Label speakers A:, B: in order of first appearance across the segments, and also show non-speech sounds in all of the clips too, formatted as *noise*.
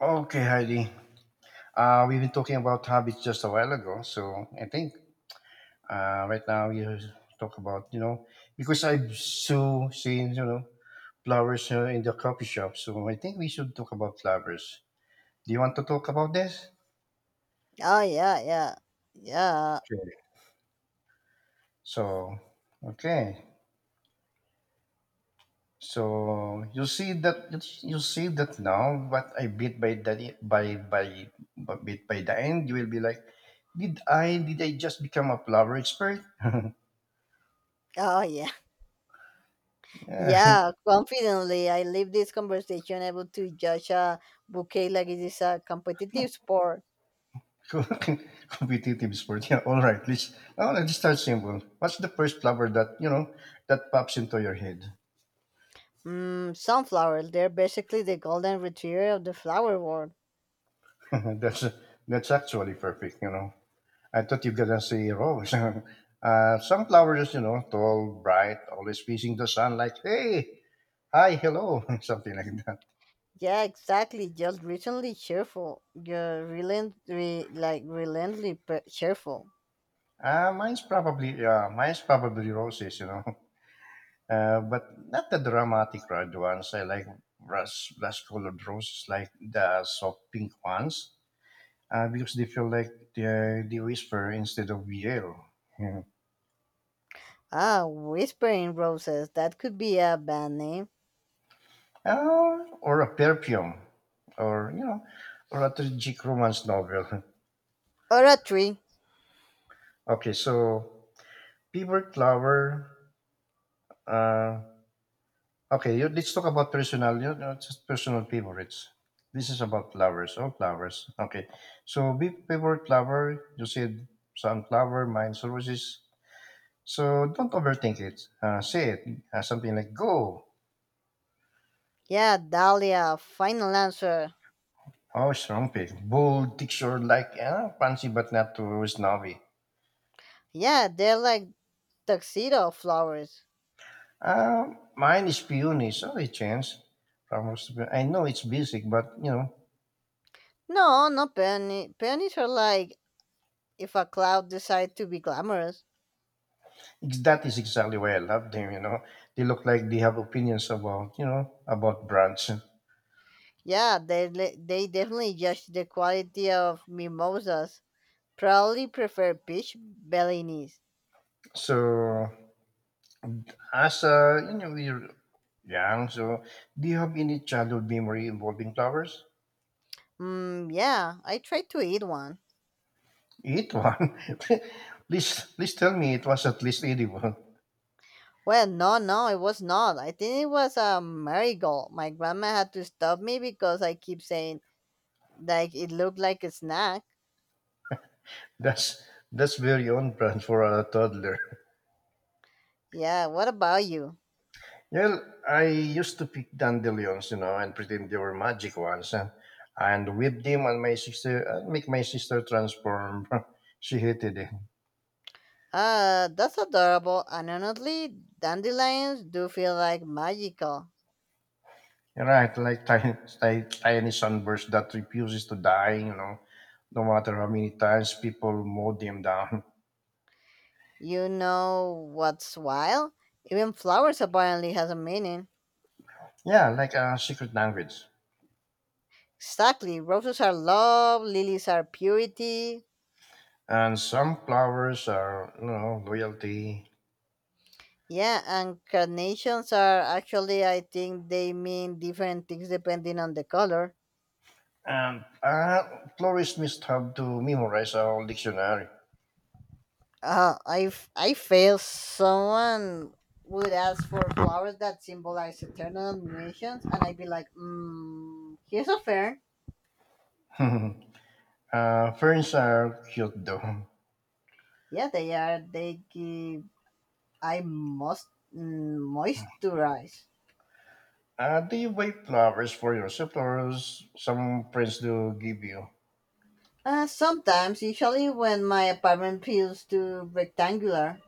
A: Okay, Heidi. We've been talking about habits just a while ago, so I think right now you talk about because I've so seen flowers in the coffee shop, so I think we should talk about flowers. Do you want to talk about this?
B: Oh yeah, yeah, yeah.
A: Sure. So, okay, so you see that now, but I bit by the by but bit by the end, you will be like, did I just become a flower expert? *laughs*
B: Oh yeah, *laughs*
A: Yeah.
B: yeah. Confidently, I leave this conversation able to judge a bouquet like it is a competitive sport.
A: *laughs* Competitive sport. Yeah, all right. Let's start simple. What's the first flower that pops into your head?
B: Sunflowers. They're basically the golden retriever of the flower world.
A: *laughs* that's that's actually perfect. You know, I thought you're gonna say rose. *laughs* Some flowers, tall, bright, always facing the sun. Like, hey, hi, hello, *laughs* something like that.
B: Yeah, exactly. Just recently cheerful. You're like relentlessly cheerful.
A: Mine's probably roses. You know, *laughs* but not the dramatic red ones. I like rust colored roses, like the soft pink ones because they feel like the whisper instead of yell. Yeah.
B: Ah, whispering roses. That could be a band name
A: Or a perfume, or you know, or a tragic romance novel. *laughs*
B: or a tree.
A: Okay, so favorite lover. Uh, okay, let's talk about personal. Just personal favorites. This is about lovers, all flowers. Okay, so be favorite lover. You said sunflower, mine's roses. So don't overthink it. Say it. Something like go.
B: Yeah, dahlia. Final answer.
A: Oh, strumpet. Bold, textured like fancy but not too snobby.
B: Yeah, they're like tuxedo flowers.
A: Mine is peony. Sorry, Chance. I know it's basic, but
B: No, not peony. Peonies are like if a cloud decide to be glamorous.
A: that is exactly why I love them. You know, they look like they have opinions about brands.
B: Yeah, they definitely judge the quality of mimosas. Probably prefer peach bellinis.
A: So as we're young. So do you have any childhood memory involving flowers?
B: Mm, yeah, I tried to eat one.
A: Eat one. *laughs* Please, please tell me it was at least edible.
B: Well, no, no, it was not. I think it was a marigold. My grandma had to stop me because I keep saying like it looked like a snack.
A: That's that's very on brand for a toddler. *laughs*
B: Yeah, what about you?
A: Well, I used to pick dandelions, and pretend they were magic ones, and whip them on my sister, make my sister transform. *laughs* She hated it.
B: Ah, that's adorable, and honestly, dandelions do feel like magical.
A: Right, like tiny, tiny, tiny sunburst that refuses to die, no matter how many times people mow them down. *laughs*
B: You know what's wild? Even flowers apparently has a meaning.
A: Yeah, like a secret language.
B: Exactly, roses are love, lilies are purity.
A: And some flowers are, loyalty.
B: Yeah, and carnations are actually, I think they mean different things depending on the color.
A: Florists must have to memorize a whole dictionary.
B: I feel someone would ask for flowers that symbolize eternal nations, and I'd be like, here's a fern.
A: *laughs* Ferns are cute though.
B: Yeah, they are. They give. I must moisturize.
A: Do you buy flowers for yourself or some friends do give you?
B: Sometimes, usually when my apartment feels too rectangular.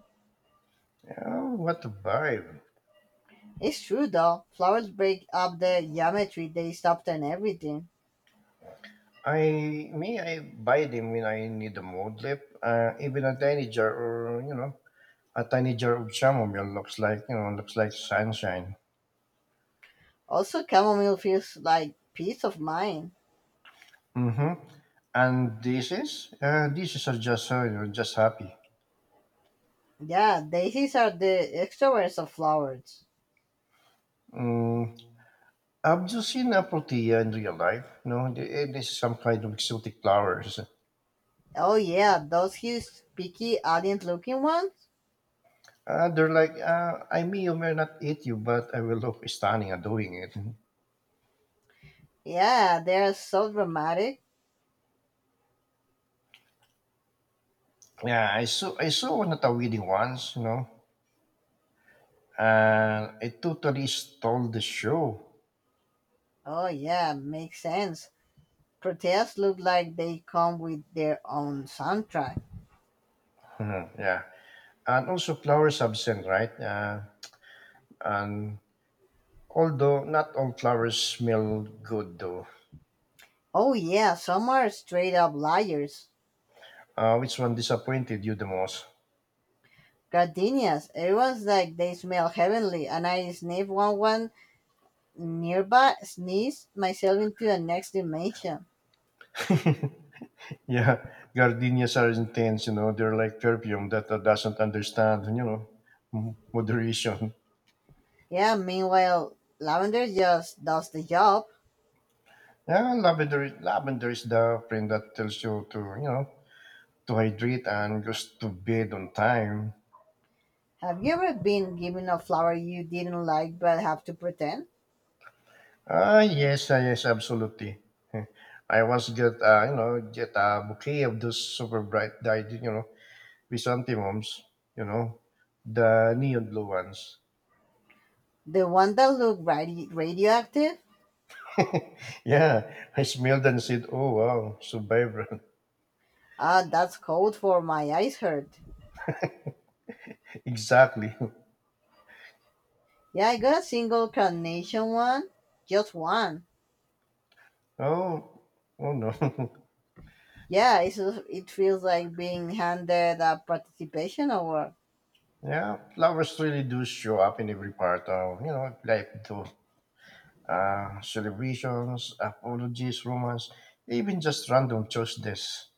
A: Yeah, what a vibe.
B: It's true though. Flowers break up the geometry. They soften everything.
A: I buy them when I need a mood lift. Even a tiny jar of chamomile looks like sunshine.
B: Also, chamomile feels like peace of mind.
A: Mm-hmm. And this is are just, you know, just happy.
B: Yeah, daisies are the extroverts of flowers.
A: Mm, I've just seen apothea in real life. It is some kind of exotic flowers.
B: Oh yeah, those huge, picky, alien-looking ones.
A: They're like, I may or may not eat you, but I will look stunning at doing it.
B: Yeah, they are so dramatic.
A: Yeah, I saw one at a wedding once. And it totally stole the show. *laughs*
B: Oh yeah, makes sense. Protests look like they come with their own soundtrack.
A: Mhm, yeah, and also flowers have scent, right? And although not all flowers smell good, though.
B: Oh yeah, some are straight up liars.
A: Which one disappointed you the most?
B: Gardenias, everyone's like they smell heavenly, and I sniff one nearby, sneeze myself into the next dimension.
A: Yeah, gardenias are intense. They're like perfume that doesn't understand, moderation.
B: Yeah, meanwhile, lavender just does the job.
A: Yeah, lavender is the friend that tells you to hydrate and just to bed on time.
B: Have you ever been given a flower you didn't like but have to pretend?
A: Yes, yes, absolutely. *laughs* I once get, get a bouquet of those super bright dyed, chrysanthemums, you know, the neon blue ones. *laughs*
B: The one that looked radioactive?
A: Yeah, I smelled and said, "Oh wow, so vibrant!"
B: Ah, that's cold for my eyes hurt.
A: *laughs* Exactly. *laughs*
B: Yeah, I got a single carnation one, just one.
A: Oh, oh no.
B: Yeah, it feels like being handed a participation award.
A: *laughs* Yeah, flowers really do show up in every part of, life too. Celebrations, apologies, romance, even just random choices.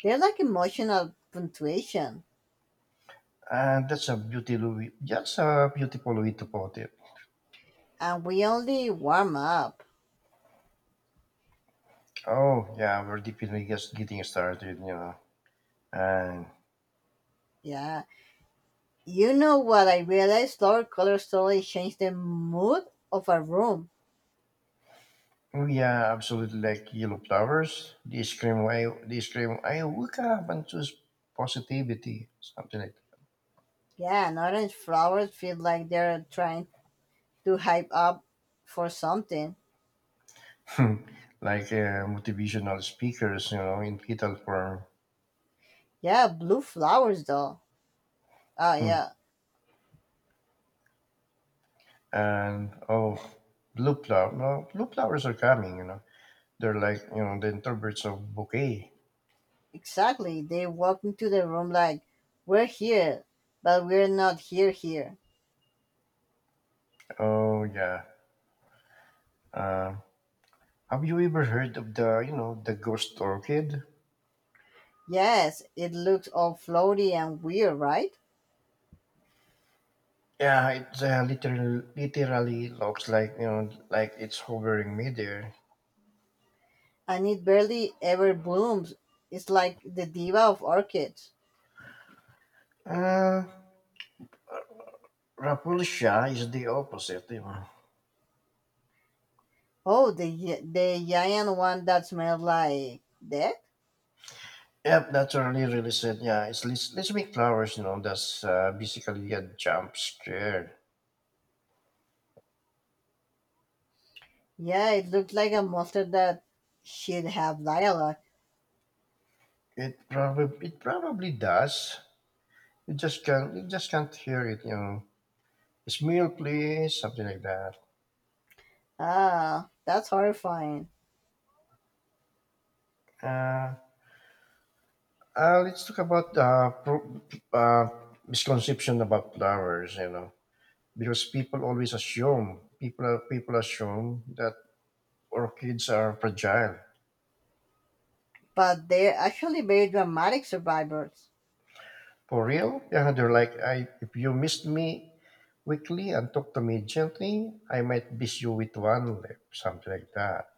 B: They're like emotional punctuation,
A: And that's a beautiful way to put it.
B: and we only warm up.
A: Oh, yeah, we're definitely just getting started. And,
B: Yeah, you know what I realized? Color slowly change the mood of a room.
A: oh, yeah, absolutely, like yellow flowers. They scream, I wake up and choose positivity, something like
B: Yeah, and orange flowers feel like they're trying to hype up for something.
A: hmm, motivational speakers, in fetal form.
B: Yeah, blue flowers though. Oh
A: Hmm.
B: yeah,
A: And, oh, blue flower. No, blue flowers are coming. They're like, the introverts of bouquet.
B: exactly. They walk into the room like, we're here, but we're not here here.
A: Oh, yeah. Uh, have you ever heard of the ghost orchid?
B: Yes, it looks all floaty and weird, right?
A: Yeah, it literally looks like it's hovering midair.
B: And it barely ever blooms. It's like the diva of orchids.
A: Uh, Rapulsia is the opposite.
B: Oh, the giant one that smelled like death?
A: Yep, that's already really said. Yeah, let's make flowers. That's basically a jump scare.
B: Yeah, it looked like a monster that should have dialogue.
A: It probably does. You just can't hear it. It's meal, please, something like that.
B: Ah, that's horrifying.
A: Uh, let's talk about uh misconception about flowers. Because people always assume people assume that orchids are fragile.
B: But they're actually very dramatic survivors.
A: For real? Yeah, they're like, I if you missed me weekly and talk to me gently. I might beat you with one lip, something like that.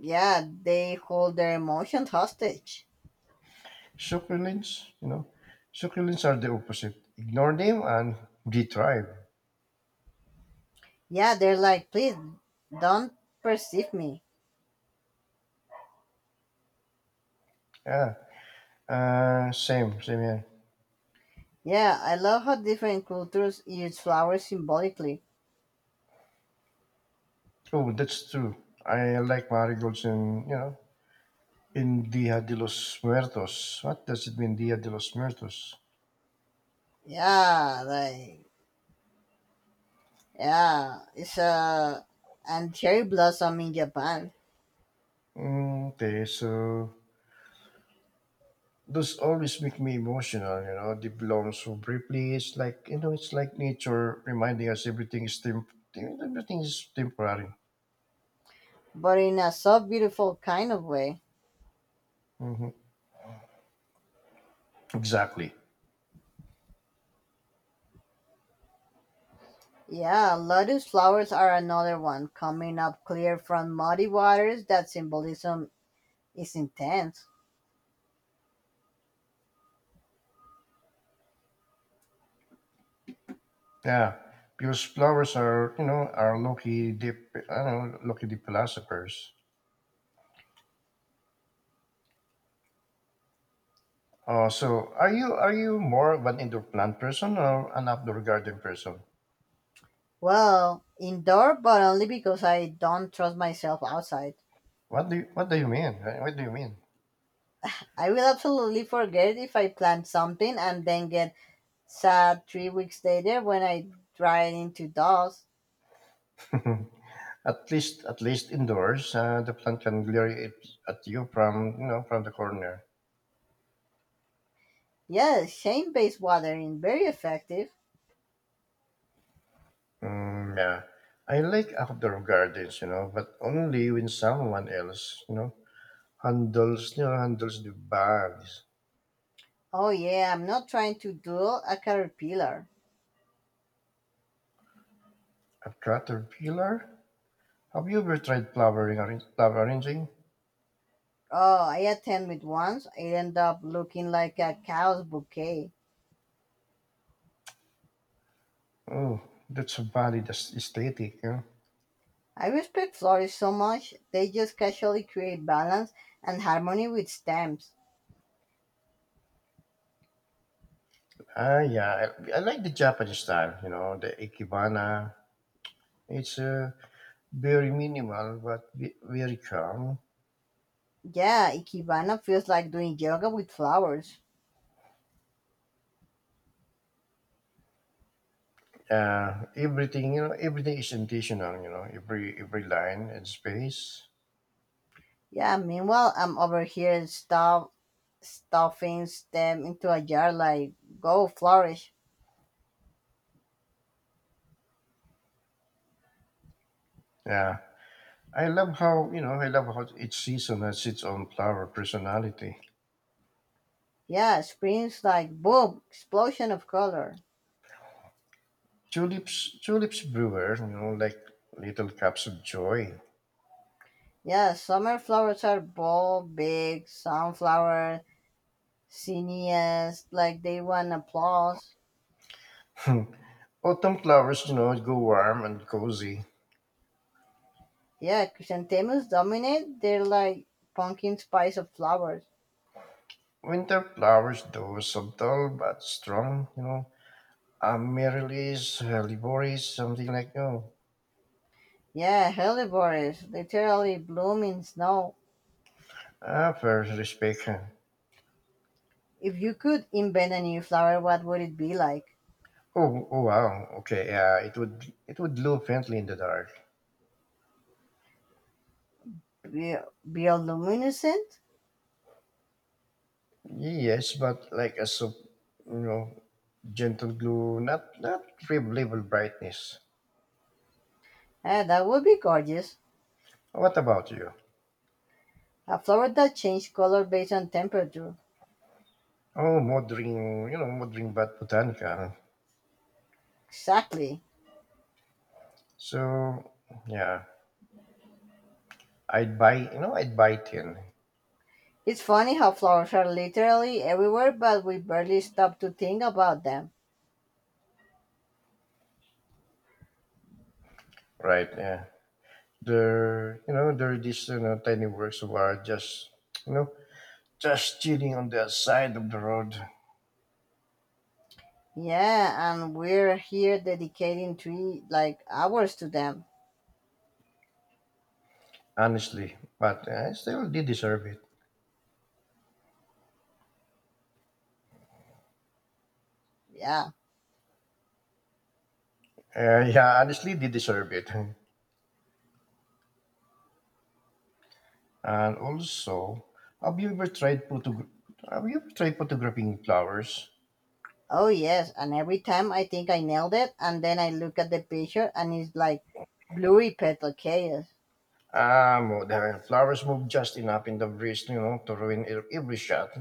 B: Yeah, they hold their emotions hostage.
A: Succulents, you know, succulents are the opposite. Ignore them and they thrive.
B: Yeah, they're like, please don't perceive me.
A: Yeah, same here.
B: Yeah, I love how different cultures use flowers symbolically.
A: Oh, that's true. I like marigolds in Dia de los Muertos. What does it mean, Dia de los Muertos?
B: Yeah, like, yeah, it's a and cherry blossom in Japan,
A: Mm, okay, so those always make me emotional, They belong so briefly. It's like nature reminding us everything is temporary.
B: but in a so beautiful kind of way.
A: Hmm. Exactly.
B: Yeah, lotus flowers are another one coming up clear from muddy waters. That symbolism is intense.
A: Yeah, because flowers are you know are lucky deep I don't know lucky deep philosophers. So are you more of an indoor plant person or an outdoor garden person?
B: Well, indoor, but only because I don't trust myself outside.
A: What do you mean? What do you mean?
B: I will absolutely forget if I plant something and then get sad 3 weeks later when I dry it into dust.
A: At least indoors, the plant can glare it at you from you know from the corner.
B: Yes, shame based watering, very effective.
A: Mm, yeah. I like outdoor gardens, but only when someone else, handles the bags.
B: Oh, yeah, I'm not trying to duel a caterpillar.
A: A caterpillar? Have you ever tried flower arranging?
B: Oh, I attempted once, it ended up looking like a cow's bouquet.
A: Oh, that's a valid aesthetic.
B: I respect florists so much, they just casually create balance and harmony with stems.
A: Ah, yeah. I like the Japanese style, the ikebana. It's very minimal, but very calm.
B: Yeah, Ikebana feels like doing yoga with flowers.
A: Everything is intentional, every line and space.
B: Yeah, meanwhile, I'm over here stuffing them into a jar like go flourish.
A: Yeah, I love how each season has its own flower personality.
B: Yeah, spring's like boom, explosion of color.
A: Tulips brewer, like little cups of joy.
B: Yeah, summer flowers are bold, big, sunflower, cineas, like they want applause.
A: *laughs* Autumn flowers, go warm and cozy.
B: Yeah, chrysanthemums dominate, they're like pumpkin spice of flowers.
A: Winter flowers, though subtle but strong, amaryllis, liboris, something like no.
B: Yeah, hellebores, literally bloom in snow.
A: Ah, first respect. Huh.
B: If you could invent a new flower, what would it be like?
A: Oh wow. Okay, yeah, it would glow faintly in the dark.
B: Bioluminescent?
A: Yes, but like a you know, gentle glow, not rib level brightness.
B: Ah, that would be gorgeous.
A: What about you?
B: A flower that changes color based on temperature.
A: Oh, modern, modern but botanical.
B: Exactly.
A: So yeah, I'd buy ten,
B: It's funny how flowers are literally everywhere, but we barely stop to think about them.
A: right? Yeah, there are these tiny works of art you know, just chilling on the side of the road.
B: Yeah, and we're here dedicating three, like, hours to them.
A: Honestly, but I still did deserve it.
B: Yeah.
A: Yeah, honestly, did deserve it. *laughs* And also, have you ever tried photographing flowers?
B: Oh, yes. And every time I think I nailed it, and then I look at the picture and it's like blurry petal chaos.
A: Ah, the flowers move just enough in the breeze, to ruin every shot.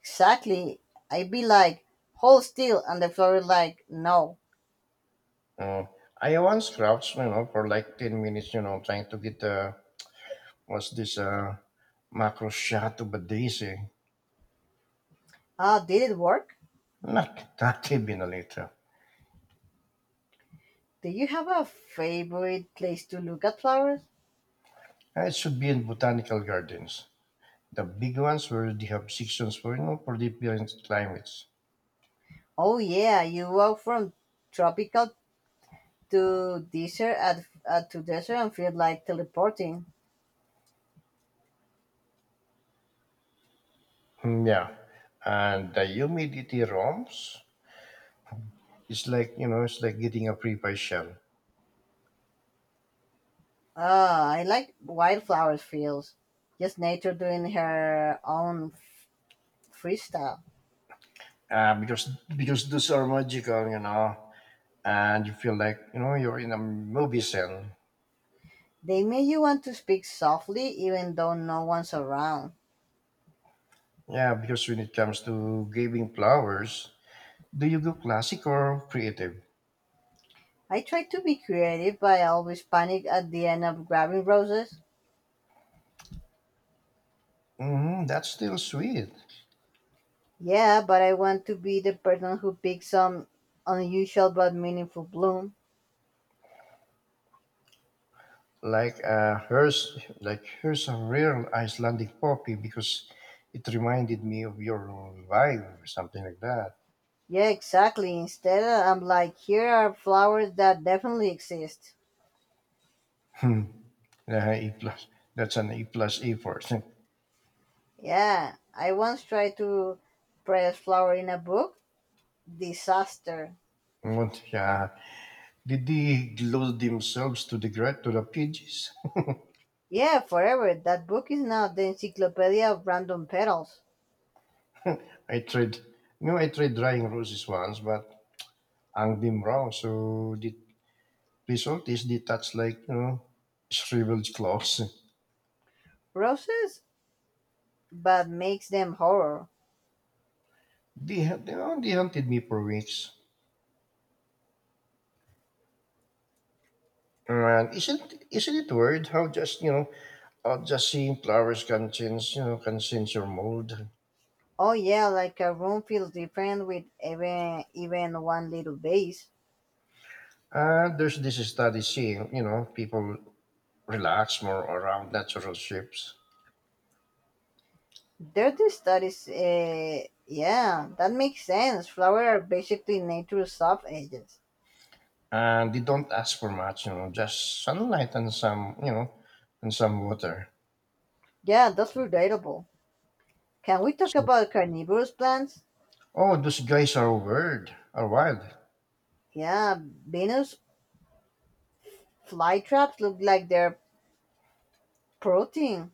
B: Exactly. I'd be like, hold still, and the flower is like, no.
A: Uh, I once crouched, for like 10 minutes, trying to get what's this macro shot of a daisy.
B: Ah, did it work?
A: Not even a little.
B: Do you have a favorite place to look at flowers?
A: It should be in botanical gardens. The big ones where they have sections for you know for different climates.
B: Oh yeah, you walk from tropical to desert and feel like teleporting.
A: Mm, yeah. And the humidity roams. It's like getting a pre-pie shell.
B: Ah, I like wildflowers feels. Just nature doing her own freestyle.
A: Uh, because because those are magical, and you feel like, you're in a movie scene.
B: They make you want to speak softly even though no one's around.
A: Yeah, because when it comes to giving flowers, do you go classic or creative?
B: I try to be creative, but I always panic at the end of grabbing roses.
A: That's still sweet.
B: Yeah, but I want to be the person who picks some unusual but meaningful bloom.
A: Here's a real Icelandic poppy because it reminded me of your vibe, something like that.
B: Yeah, exactly. Instead, I'm like, here are flowers that definitely exist.
A: *laughs* Yeah, E plus. That's an E plus E person.
B: Yeah, I once tried to press flower in a book. Disaster.
A: What? Yeah. Did they glue themselves to to the pages?
B: Yeah, forever. That book is now the encyclopedia of random petals.
A: *laughs* I tried. I tried drying roses once, but hung them wrong. So the result is they touch like shriveled cloths. *laughs*
B: Roses, but makes them horror.
A: They had, you know, they hunted me for weeks. And isn't it weird how just you know just seeing flowers can change your mood.
B: Oh yeah, like a room feels different with even one little vase.
A: There's this study saying, people relax more around natural shapes,
B: Dirty studies, eh, yeah, that makes sense. Flowers are basically nature's soft edges.
A: and they don't ask for much. Just sunlight and and some water.
B: Yeah, that's relatable. Can we talk
A: So,
B: about carnivorous plants?
A: oh, those guys are weird, are wild.
B: Yeah, Venus flytraps look like they're protein.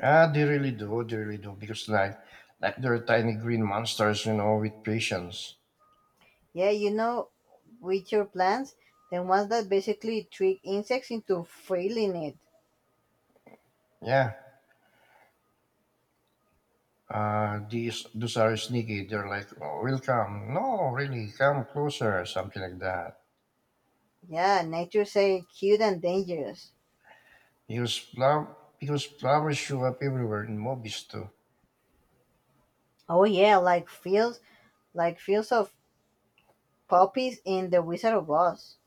A: Ah, they really do. They really do because like they're tiny green monsters. With patience.
B: Yeah, witcher plants, the ones that basically trick insects into feeling it.
A: Yeah. These Those are sneaky. They're like, oh, we'll come. No, really, come closer, something like that.
B: Yeah, nature say cute and dangerous.
A: Because flowers show up everywhere in movies too.
B: Oh yeah, like fields of poppies in The Wizard of Oz.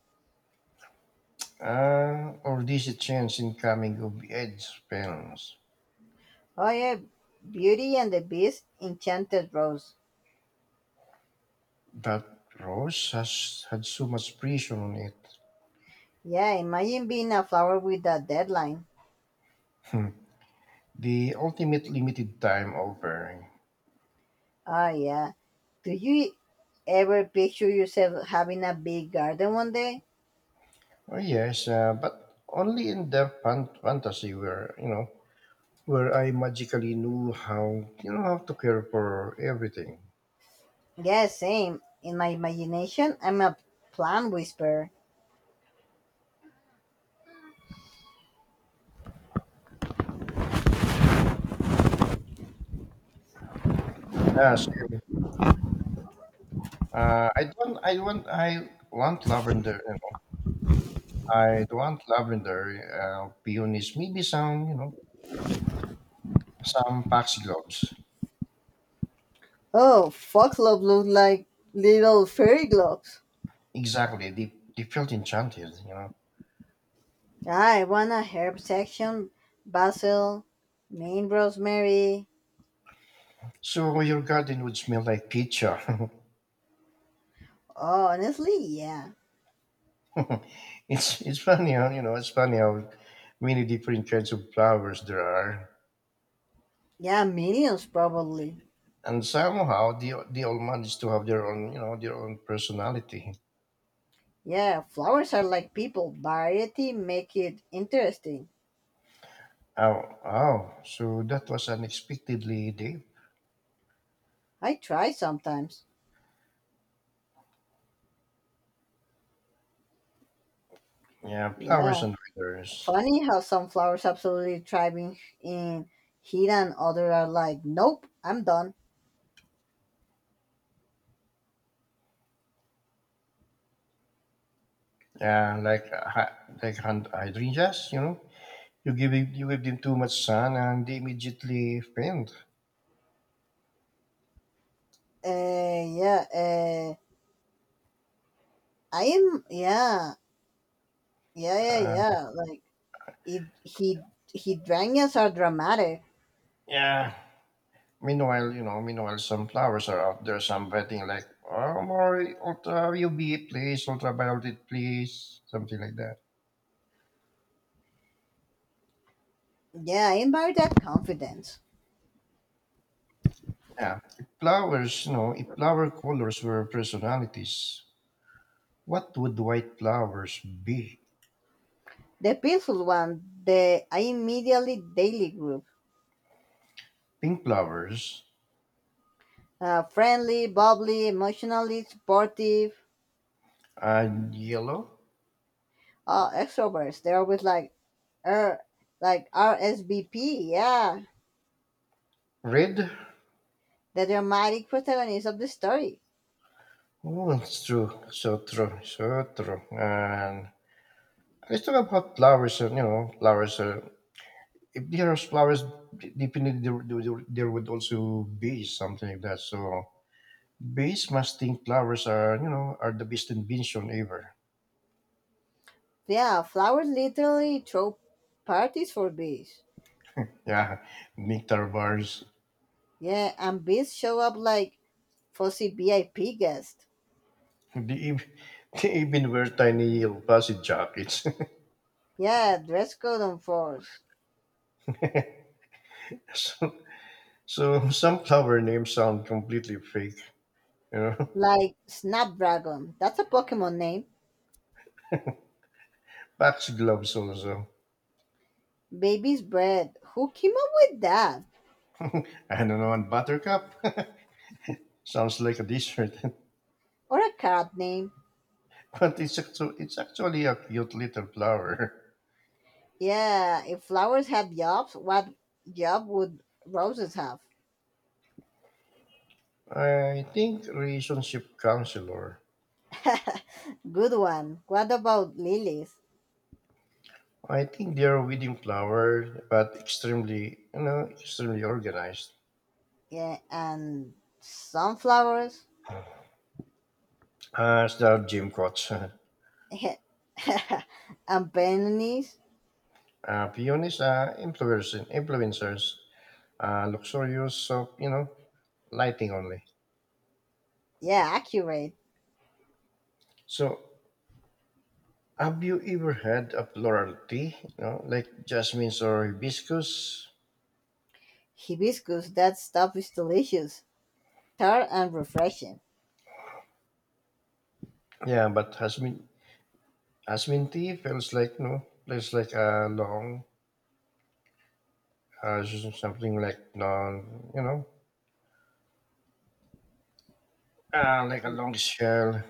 A: Or this a chance in coming of age spells.
B: Oh yeah, Beauty and the Beast, Enchanted Rose.
A: But Rose has had so much pressure on it.
B: Yeah, imagine being a flower with a deadline.
A: The ultimate limited time offering.
B: Oh yeah. Do you ever picture yourself having a big garden one day?
A: Oh yes, but only in the fantasy where where I magically knew how you know how to care for everything.
B: Yeah, same. In my imagination, I'm a plant whisperer.
A: Ah, same. I don't. I want. I want lavender. I want lavender. Peonies. Maybe some. Some foxgloves.
B: Oh, foxglove look like little fairy gloves.
A: Exactly. They felt enchanted,
B: I want a herb section, basil, main rosemary.
A: So your garden would smell like pizza.
B: Oh, honestly, yeah.
A: *laughs* It's funny how many different kinds of flowers there are,
B: Yeah, millions probably.
A: and somehow they all manage to have their own you know their own personality.
B: Yeah, flowers are like people. Variety make it interesting.
A: Oh oh, so that was unexpectedly deep.
B: I try sometimes.
A: Yeah, flowers
B: Yeah.
A: and feathers.
B: Funny how some flowers absolutely thrive in heat and other are like, nope, I'm done.
A: Yeah, like like hand hydrangeas. You know, you give them too much sun and they immediately faint.
B: Yeah, I am, yeah, yeah, yeah,
A: Uh,
B: yeah. Like, it, he, hydrangeas are dramatic.
A: yeah, Meanwhile, some flowers are out there, some betting like, oh, more ultra UV, please, ultraviolet, please, something like that.
B: Yeah, I admire that confidence.
A: Yeah. If flowers, if flower colors were personalities, what would white flowers be?
B: The peaceful one, the I immediately daily group.
A: Pink flowers
B: Friendly, bubbly, emotionally supportive.
A: and yellow,
B: Oh, extroverts, they're always like, er like, RSVP. Yeah,
A: red.
B: they're the dramatic protagonist of the story.
A: Oh, it's true. So true. So true. And let's talk about flowers. And flowers are if there are flowers, definitely there would also be something like that. So bees must think flowers are, are the best invention ever.
B: Yeah, flowers literally throw parties for bees.
A: Yeah, nectar bars.
B: Yeah, and bees show up like fussy VIP guests.
A: They, ev- *laughs* they even wear tiny yellow fuzzy jackets.
B: Yeah, dress code on force.
A: *laughs* so, so some flower names sound completely fake, you know. *laughs*
B: Like snapdragon, that's a Pokemon name.
A: Pax gloves also.
B: Baby's bread, who came up with that,
A: I don't know, and buttercup *laughs* sounds like a dessert,
B: or a cat name.
A: *laughs* but it's actually a cute little flower. *laughs*
B: Yeah, if flowers had jobs, what job would roses have?
A: I think relationship counselor.
B: *laughs* Good one. What about lilies?
A: I think they are within flower, but extremely, extremely organized.
B: Yeah, and sunflowers?
A: As the gym coach, *laughs*
B: Yeah. *laughs* And peonies?
A: peonies are influencers, luxurious soap, lighting only.
B: Yeah, accurate.
A: So, have you ever had a floral tea, like jasmines or hibiscus?
B: Hibiscus, that stuff is delicious, tart and refreshing.
A: Yeah, but jasmine tea feels like, feels like a long, something like long, you know, like a long shell.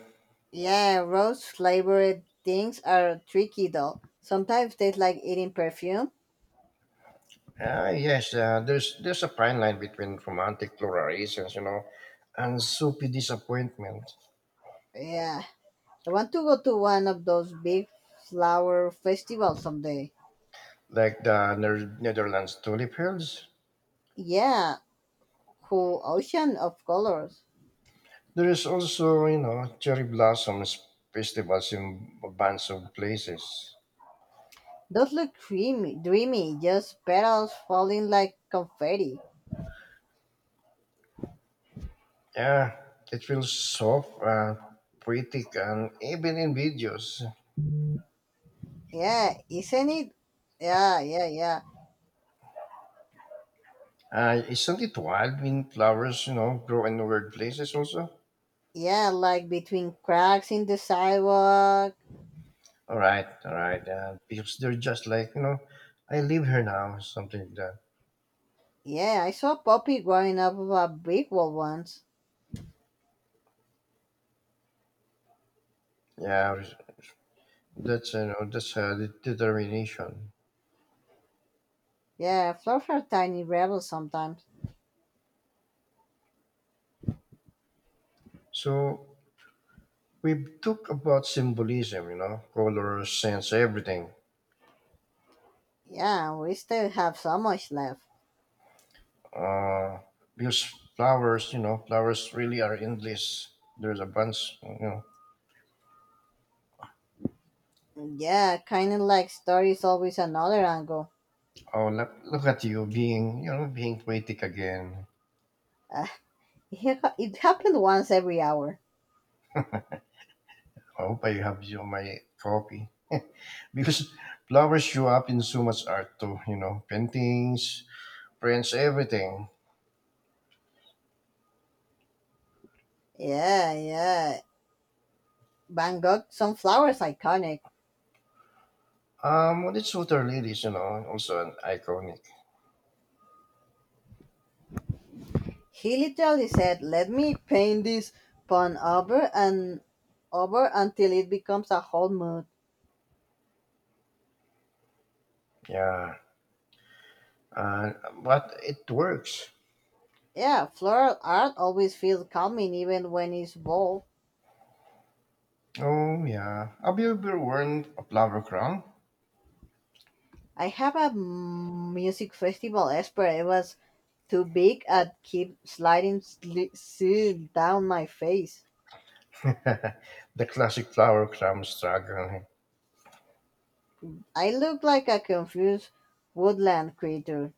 B: Yeah, rose flavored things are tricky though. Sometimes taste like eating perfume.
A: Ah, yes. There's a fine line between romantic florations, and soupy disappointment,
B: Yeah, I want to go to one of those big flower festivals someday.
A: like the Netherlands tulip fields.
B: Yeah, whole ocean of colors.
A: There is also, cherry blossoms festivals in a bunch of places.
B: Those look dreamy, dreamy, just petals falling like confetti.
A: Yeah, it feels soft, poetic, and even in videos.
B: Yeah, isn't it? Yeah, yeah, yeah.
A: Isn't it wild when flowers, grow in weird places also?
B: Yeah, like between cracks in the sidewalk.
A: All right, all right. Because they're just like I live here now, something like that.
B: Yeah, I saw a puppy growing up of a brick wall once.
A: Yeah, that's that's the determination.
B: Yeah, flowers are tiny rebels sometimes.
A: So we talk about symbolism, colors, sense, everything.
B: Yeah, we still have so much left.
A: Uh, because flowers, flowers really are endless. There's a bunch,
B: Yeah, kind of like stories always another angle.
A: Oh, look, look at you being, being poetic again.
B: Uh, *laughs* it happened once every hour.
A: I hope I have you my copy because *laughs* flowers show up in so much art too, paintings, Prince everything.
B: Yeah, yeah. Van Gogh, sunflowers iconic.
A: Well, it's Shooter Ladies, also an iconic.
B: He literally said, let me paint this pun over and over until it becomes a whole mood.
A: Yeah, uh, but it works.
B: Yeah, floral art always feels calming even when it's bold.
A: Oh yeah. Have you ever worn a flower crown?
B: I have a music festival expert. It was too big and keep sliding slid down my face.
A: *laughs* the classic flower crown struggle.
B: I look like a confused woodland creature.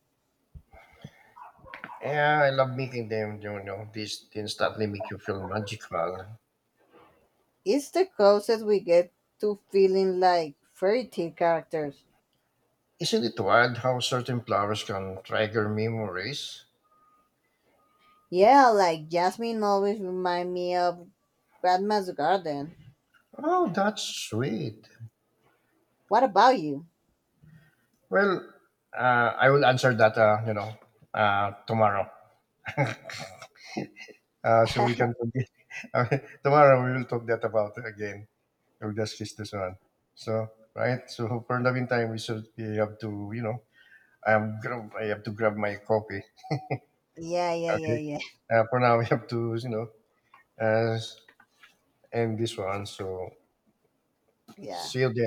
A: Yeah, I love making them. You know, these instantly make you feel magical.
B: It's the closest we get to feeling like fairy tale characters.
A: Isn't it wild how certain flowers can trigger memories?
B: Yeah, like Jasmine always remind me of Grandma's garden.
A: Oh, that's sweet.
B: What about you?
A: Well, uh, I will answer that. Tomorrow. *laughs*
B: *laughs*
A: So
B: Yeah,
A: we can continue. *laughs* Uh, tomorrow we will talk that about again. We'll just kiss this one. So right. So for the meantime, we have to I have to grab my copy.
B: yeah, yeah,
A: Okay.
B: yeah,
A: For now, *laughs* we have to uh, end this one. So
B: yeah.
A: see you then.